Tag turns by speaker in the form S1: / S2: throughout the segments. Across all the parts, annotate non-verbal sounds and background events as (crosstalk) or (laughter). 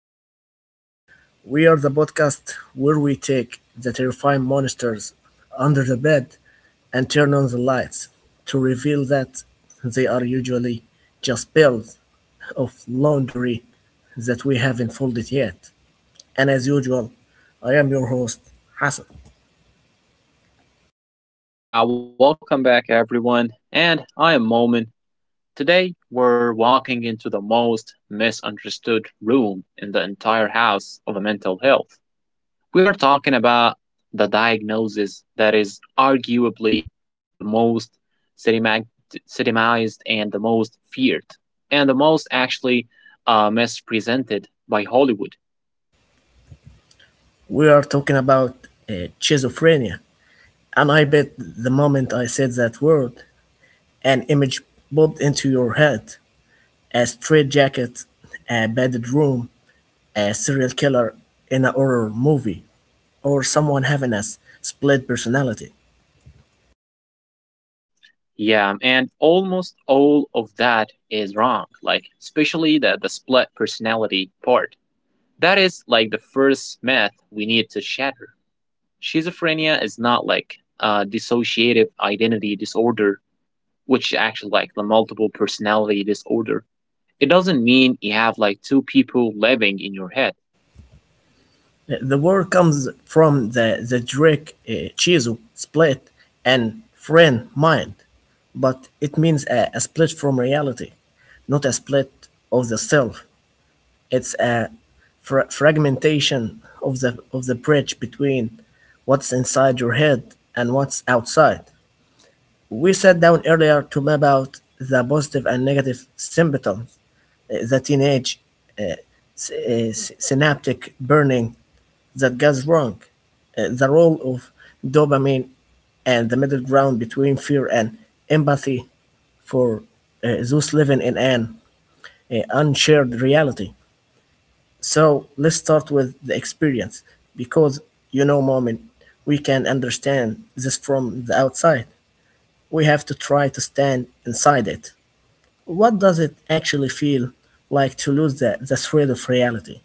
S1: Middle Ground. We are the podcast where we take the terrifying monsters under the bed and turn on the lights to reveal that they are usually just piles of laundry that we haven't folded yet. And as usual, I am your host, Hassan.
S2: Yeah, welcome back everyone. And I am Momin. Today we're walking into the most misunderstood room in the entire house of mental health. We are talking about the diagnosis that is arguably the most stigmat- stigmatized and the most feared and the most actually mispresented by Hollywood.
S1: We are talking about schizophrenia. And I bet the moment I said that word, an image popped into your head: a straitjacket, a padded room, a serial killer in a horror movie, or someone having a split personality.
S2: Yeah, and almost all of that is wrong, like especially the split personality part. That is like the first myth we need to shatter. Schizophrenia is not like a dissociative identity disorder, which is actually like the multiple personality disorder. It doesn't mean you have like two people living in your head.
S1: The word comes from the Greek chizo, split, and friend, mind, but it means a split from reality, not a split of the self. It's a fragmentation of the bridge between what's inside your head and what's outside. We sat down earlier to map out the positive and negative symptoms, the teenage uh, synaptic burning that goes wrong, the role of dopamine, and the middle ground between fear and empathy for those living in an unshared reality. So let's start with the experience because, you know, moment, we can understand this from the outside. We have to try to stand inside it. What does it actually feel like to lose the thread of reality?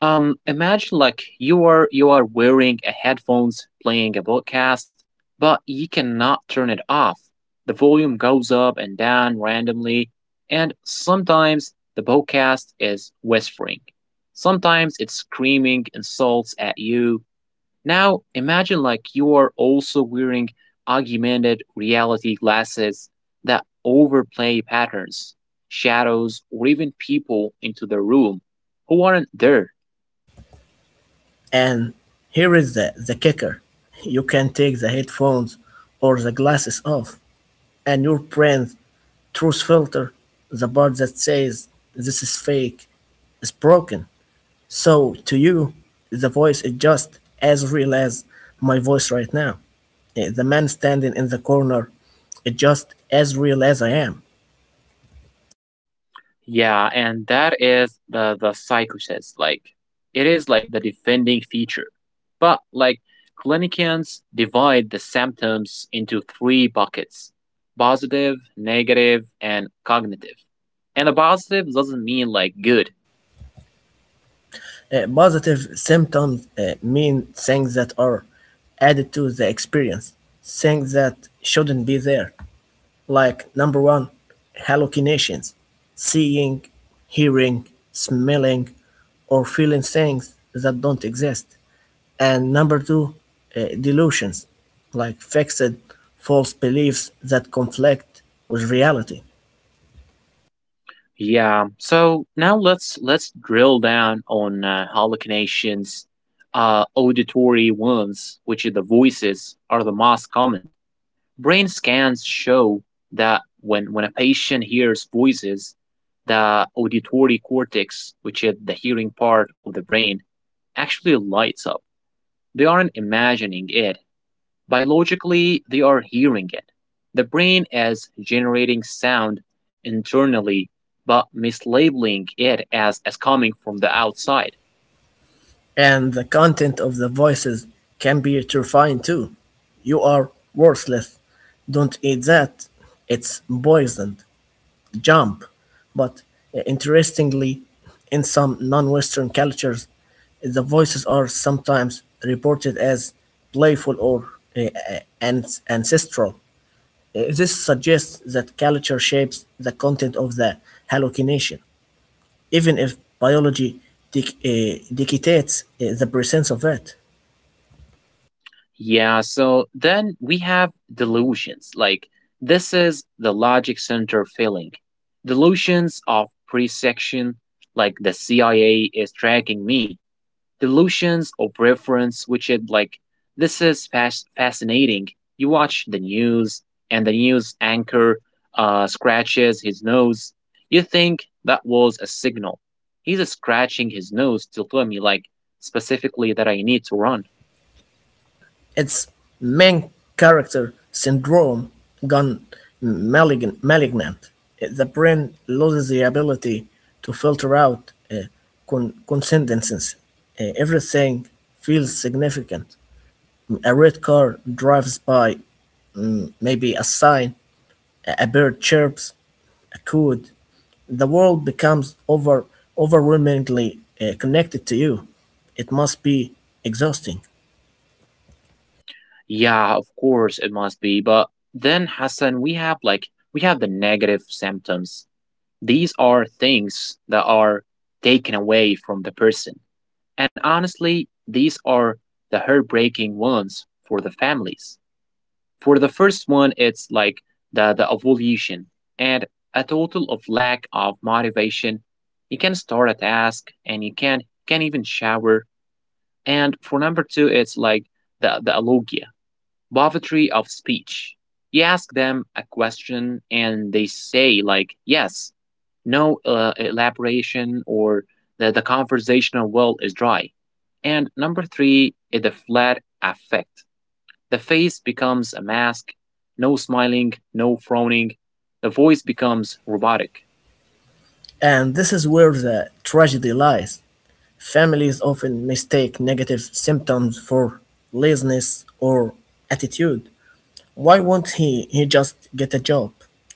S2: Imagine like you are wearing a headphones playing a podcast, but you cannot turn it off. The volume goes up and down randomly, and sometimes the podcast is whispering. Sometimes it's screaming insults at you. Now imagine like you are also wearing augmented reality glasses that overplay patterns, shadows, or even people into the room who aren't there.
S1: And here is the kicker: you can take the headphones or the glasses off, and your brain's truth filter, the part that says this is fake, is broken. So to you, the voice is just as real as my voice right now. The man standing in the corner is just as real as I am.
S2: Yeah, and that is the psychosis. Like it is like the defending feature. But like clinicians divide the symptoms into three buckets: positive, negative, and cognitive. And the positive doesn't mean like good.
S1: Positive symptoms mean things that are added to the experience, things that shouldn't be there, like number one, hallucinations, seeing, hearing, smelling, or feeling things that don't exist. And number two, delusions, like fixed false beliefs that conflict with reality.
S2: Yeah. So now let's drill down on hallucinations, auditory ones, which are the voices, are the most common. Brain scans show that when a patient hears voices, the auditory cortex, which is the hearing part of the brain, actually lights up. They aren't imagining it. Biologically, they are hearing it. The brain is generating sound internally, but mislabeling it as coming from the outside.
S1: And the content of the voices can be terrifying too. You are worthless. Don't eat that. It's poisoned. Jump. But interestingly, in some non Western cultures, the voices are sometimes reported as playful or uh, uh, ancestral. This suggests that culture shapes the content of the hallucination, even if biology dictates the presence of it.
S2: Yeah, so then we have delusions. Like, this is the logic center failing. Delusions of presection, like the CIA is tracking me, delusions of reference, which is like this is fascinating. You watch the news, and the news anchor scratches his nose. You think that was a signal. He's scratching his nose to tell me, like, specifically that I need to run.
S1: Its main character, Syndrome gone malignant. The brain loses the ability to filter out uh, coincidences. Everything feels significant. A red car drives by, mm, maybe a sign, a bird chirps, a code. The world becomes over overwhelmingly connected to you. It must be exhausting.
S2: Yeah, of course it must be. But then, Hassan, we have like we have the negative symptoms. These are things that are taken away from the person. And honestly, these are the heartbreaking ones for the families. For the first one, it's like the ovulation and a total of lack of motivation. You can start a task and you can't even shower. And for number two, it's like the alogia. Poverty of speech. You ask them a question and they say, like, yes, no elaboration, or that the conversational well is dry. And number three is the flat affect. The face becomes a mask, no smiling, no frowning. The voice becomes robotic.
S1: And this is where the tragedy lies. Families often mistake negative symptoms for laziness or attitude. Why won't he just get a job?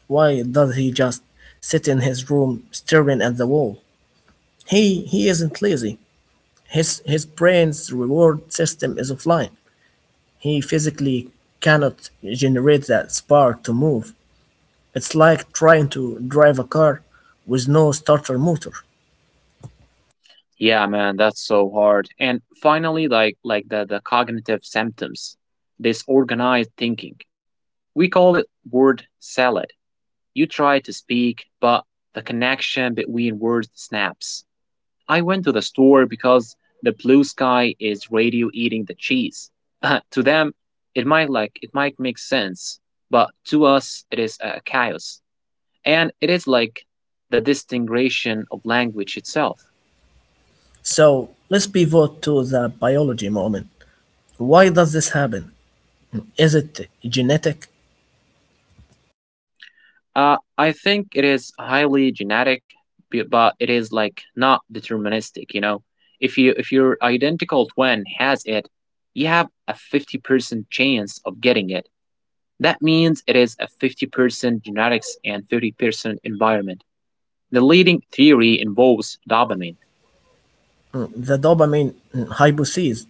S1: Why does he just sit in his room staring at the wall? He he isn't lazy. His brain's reward system is offline. He physically cannot generate that spark to move. It's like trying to drive a car with no starter motor.
S2: Yeah, man, that's so hard. And finally, like the cognitive symptoms, disorganized thinking. We call it word salad. You try to speak, but the connection between words snaps. I went to the store because the blue sky is radio eating the cheese. (laughs) To them, it might like it might make sense, but to us it is a chaos. And it is like the distinguishing of language itself.
S1: So let's pivot to the biology moment. Why does this happen? Is it genetic?
S2: I think it is highly genetic, but it is like not deterministic. You know, if your identical twin has it, you have a 50% chance of getting it. That means it is a 50% genetics and 50% environment. The leading theory involves dopamine.
S1: Mm, the dopamine mm, hypothesis.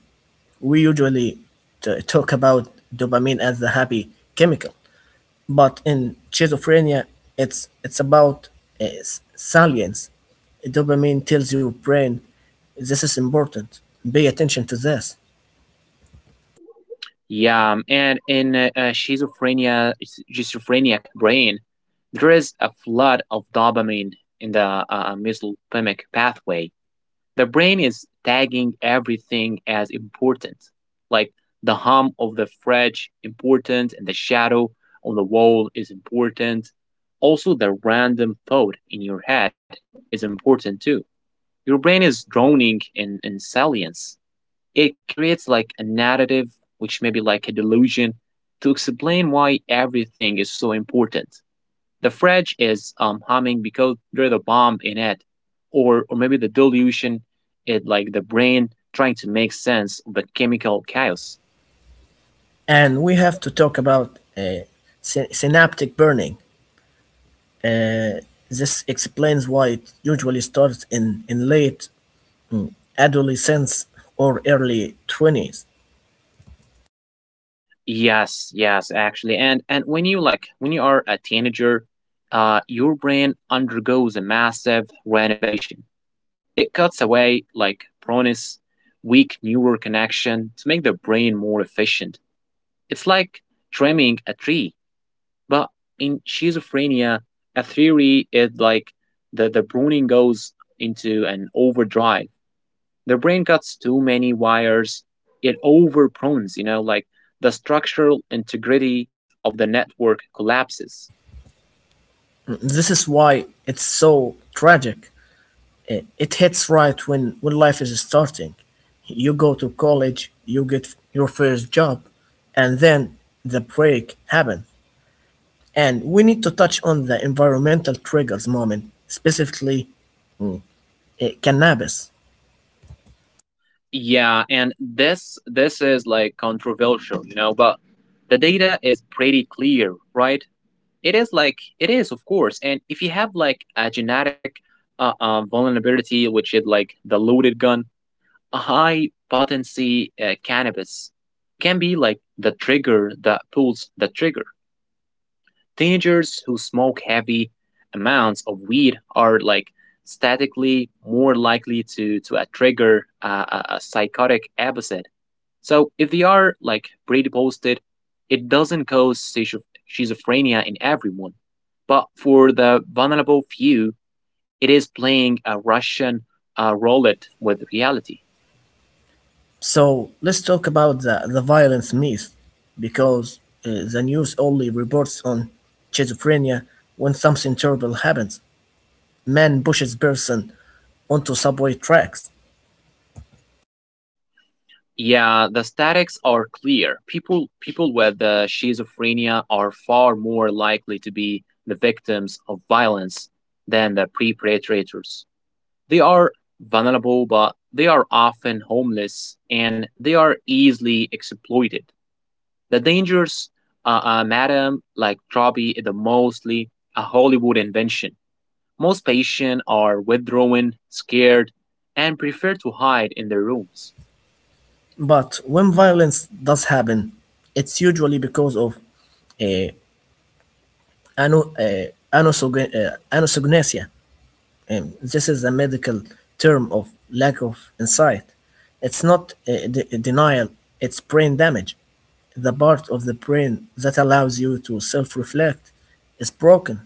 S1: We usually talk about dopamine as the happy chemical, but in schizophrenia, it's about salience. Dopamine tells your brain this is important. Pay attention to this,
S2: Yeah, and in schizophrenia, schizophrenic brain, there is a flood of dopamine in the mesolimbic pathway. The brain is tagging everything as important, like the hum of the fridge important and the shadow on the wall is important. Also the random thought in your head is important too. Your brain is drowning in salience. It creates like a narrative, which may be like a delusion, to explain why everything is so important. The French is humming because there's a bomb in it, or maybe the delusion, it like the brain trying to make sense of the chemical chaos.
S1: and we have to talk about synaptic burning. Uh, this explains why it usually starts in late adolescence or early 20s.
S2: Yes, yes, actually, and when you like when you are a teenager, your brain undergoes a massive renovation. It cuts away like Pronis weak neural connection to make the brain more efficient. It's like trimming a tree. But in schizophrenia, a theory is like the pruning goes into an overdrive. The brain cuts too many wires, it overprunes, you know, like the structural integrity of the network collapses.
S1: This is why it's so tragic. I- It hits right when life is starting. You go to college, you get your first job, and then the break happens. And we need to touch on the environmental triggers moment, specifically mm, cannabis.
S2: Yeah, and this is like controversial, you know, but the data is pretty clear, right? It is like it is, of course. And if you have like a genetic vulnerability, which is like the loaded gun, a high potency cannabis can be like the trigger that pulls the trigger. Teenagers who smoke heavy amounts of weed are like statically more likely to trigger a psychotic episode. So if they are like predisposed, it doesn't cause schizophrenia in everyone, but for the vulnerable few, it is playing a Russian roulette with reality.
S1: So let's talk about the violence myth because the news only reports on schizophrenia when something terrible happens. Man pushes person onto subway tracks.
S2: Yeah, the statics are clear. People with schizophrenia are far more likely to be the victims of violence than the perpetrators. They are vulnerable, but they are often homeless and they are easily exploited. The dangers, madam, like Trabi, is mostly a Hollywood invention. Most patients are withdrawn, scared, and prefer to hide in their rooms.
S1: But when violence does happen, it's usually because of uh, ano, uh, anosognosia. This is a medical term of lack of insight. It's not denial, it's brain damage. The part of the brain that allows you to self-reflect is broken.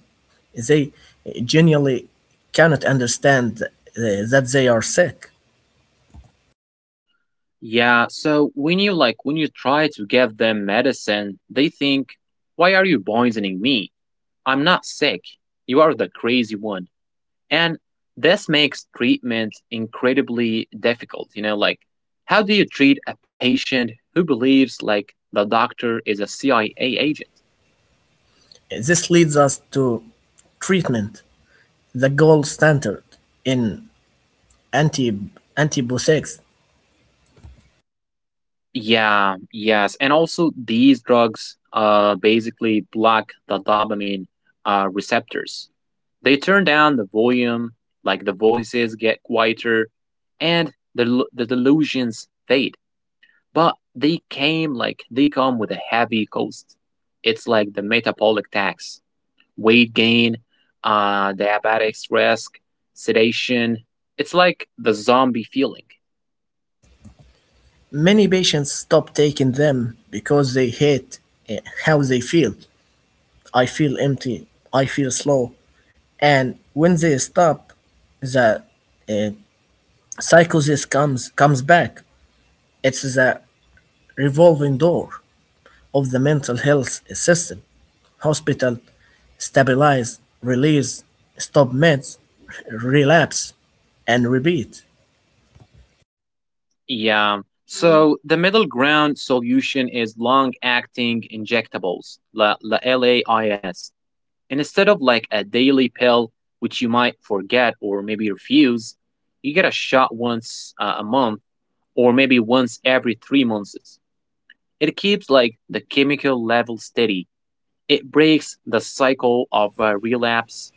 S1: They genuinely cannot understand that they are sick.
S2: Yeah, so when you try to give them medicine, they think, "Why are you poisoning me? I'm not sick. You are the crazy one." And this makes treatment incredibly difficult, you know, like how do you treat a patient who believes like the doctor is a CIA agent?
S1: This leads us to treatment, the gold standard in anti antibiotics.
S2: Yeah, yes. And also these drugs basically block the dopamine receptors. They turn down the volume, like the voices get quieter, and the delusions fade. But they came like they come with a heavy cost. It's like the metabolic tax, weight gain, diabetic risk, sedation. It's like the zombie feeling.
S1: Many patients stop taking them because they hate uh, how they feel. I feel empty. I feel slow. And when they stop, the uh, psychosis comes back. It's the revolving door of the mental health system: hospital, stabilize, release, stop meds, (laughs) relapse, and repeat.
S2: Yeah. So the middle ground solution is long acting injectables, the la LAIS. Instead of like a daily pill, which you might forget or maybe refuse, you get a shot once a month or maybe once every 3 months. It keeps like the chemical level steady. It breaks the cycle of relapse.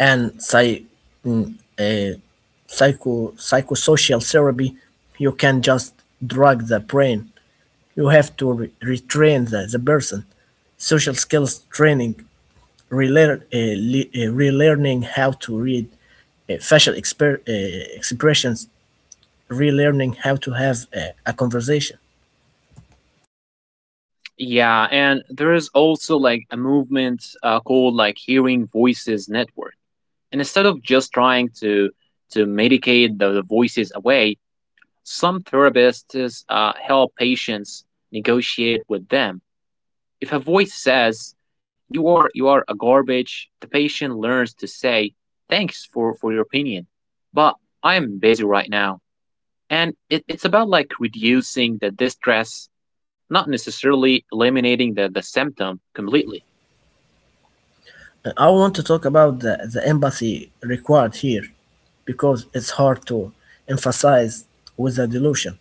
S1: And mm, eh, psychosocial therapy, you can just drug the brain. You have to retrain the person. Social skills training, relearning how to read expressions, relearning how to have a conversation.
S2: Yeah, and there is also like a movement called like Hearing Voices Network. And instead of just trying to medicate the voices away, some therapists help patients negotiate with them. If a voice says you are a garbage, the patient learns to say thanks for your opinion, but I am busy right now, and it's about like reducing the distress, not necessarily eliminating the symptom completely.
S1: I want to talk about the empathy required here because it's hard to emphasize with a delusion.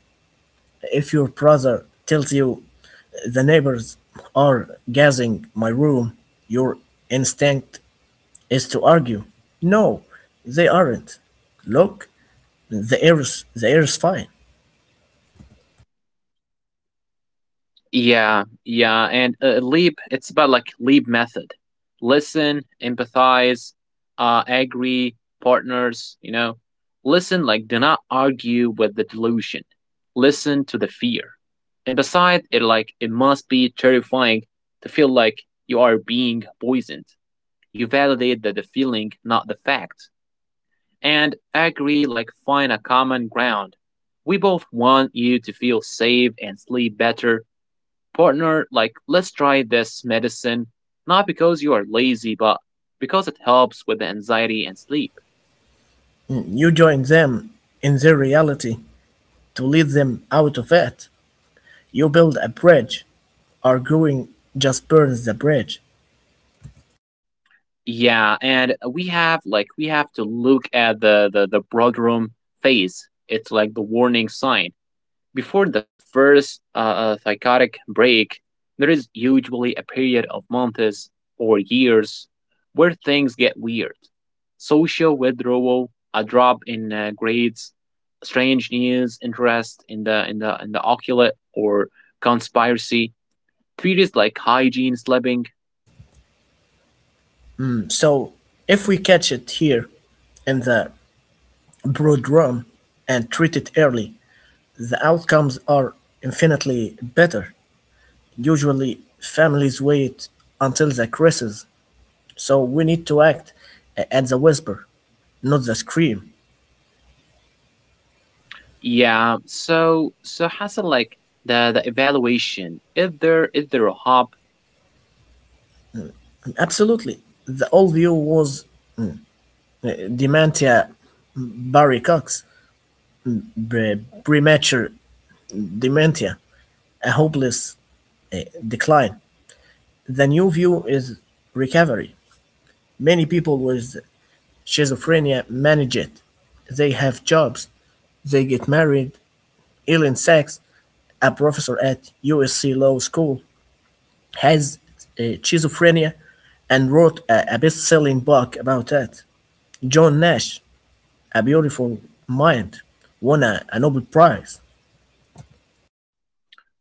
S1: If your brother tells you the neighbors are gassing my room, your instinct is to argue. No, they aren't. Look, the air's fine.
S2: Yeah, yeah, and Leap, it's about like Leap method. Listen, empathize, agree, partners, you know. Listen, like, do not argue with the delusion. Listen to the fear. And beside it, like, it must be terrifying to feel like you are being poisoned. You validate the feeling, not the fact. And agree, like, find a common ground. We both want you to feel safe and sleep better partner, like, let's try this medicine, not because you are lazy, but because it helps with the anxiety and sleep.
S1: You join them in their reality to lead them out of it. You build a bridge; arguing just burns the bridge.
S2: Yeah, and we have like we have to look at the broad phase. It's like the warning sign. Before the first psychotic break, there is usually a period of months or years where things get weird. Social withdrawal, a drop in grades, strange news, interest in the occult or conspiracy theories like hygiene, sleeping.
S1: Mm, so if we catch it here in the broad run and treat it early, the outcomes are infinitely better. Usually families wait until the crisis, so we need to act at the whisper, not the scream.
S2: Yeah. So so Hassan, like the evaluation, is there a hub?
S1: Absolutely. The old view was uh, dementia Barry Cox, premature dementia, a hopeless uh, decline. The new view is recovery. Many people with schizophrenia manage it. They have jobs. They get married. Ellen Sachs, a professor at USC Law School, has schizophrenia and wrote a best selling book about that. John Nash, A Beautiful Mind, won a Nobel Prize.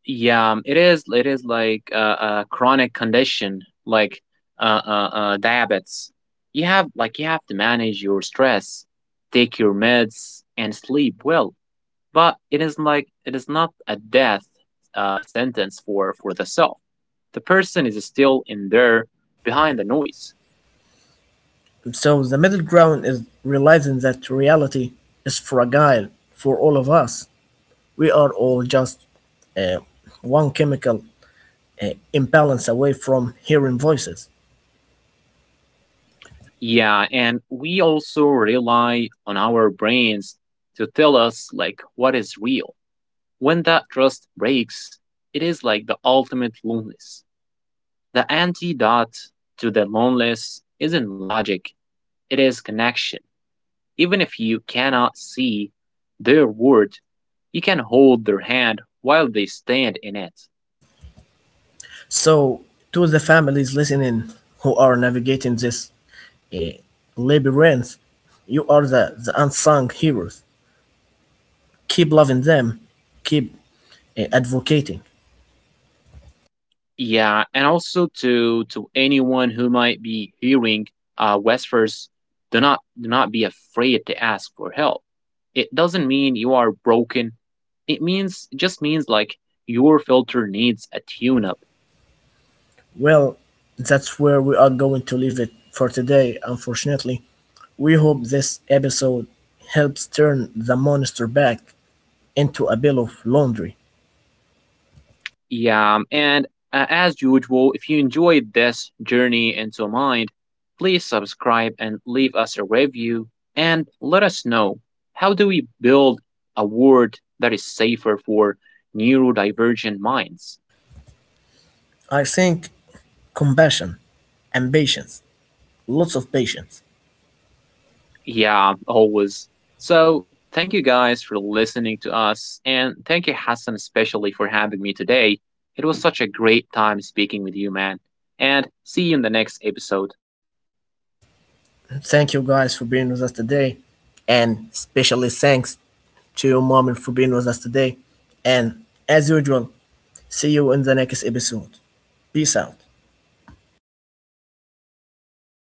S2: Yeah, it is. It is like a chronic condition, like diabetes. You have like you have to manage your stress, take your meds, and sleep well. But it is like it is not a death sentence for the self. The person is still in there behind the noise.
S1: So the middle ground is realizing that reality is fragile for all of us. We are all just uh, one chemical imbalance away from hearing voices.
S2: Yeah, and we also rely on our brains to tell us like what is real. When that trust breaks, it is like the ultimate loneliness. The antidote to the loneliness isn't logic, it is connection. Even if you cannot see their word, you can hold their hand while they stand in it.
S1: So, to the families listening who are navigating this uh, labyrinth, you are the unsung heroes. Keep loving them, keep advocating.
S2: Yeah, and also to anyone who might be hearing whispers, do not be afraid to ask for help. It doesn't mean you are broken, it means it just means like your filter needs a tune up.
S1: Well, that's where we are going to leave it for today, unfortunately. We hope this episode helps turn the monster back into a bill of laundry.
S2: Yeah, and as usual, if you enjoyed this journey into mind, please subscribe and leave us a review and let us know how do we build a world that is safer for neurodivergent minds.
S1: I think compassion, and patience. Lots of patience.
S2: Yeah, always. So, thank you guys for listening to us, and thank you, Hassan, especially for having me today. It was such a great time speaking with you, man. And see you in the next episode.
S1: Thank you guys for being with us today. And especially thanks to your mom for being with us today. And as usual, see you in the next episode. Peace out.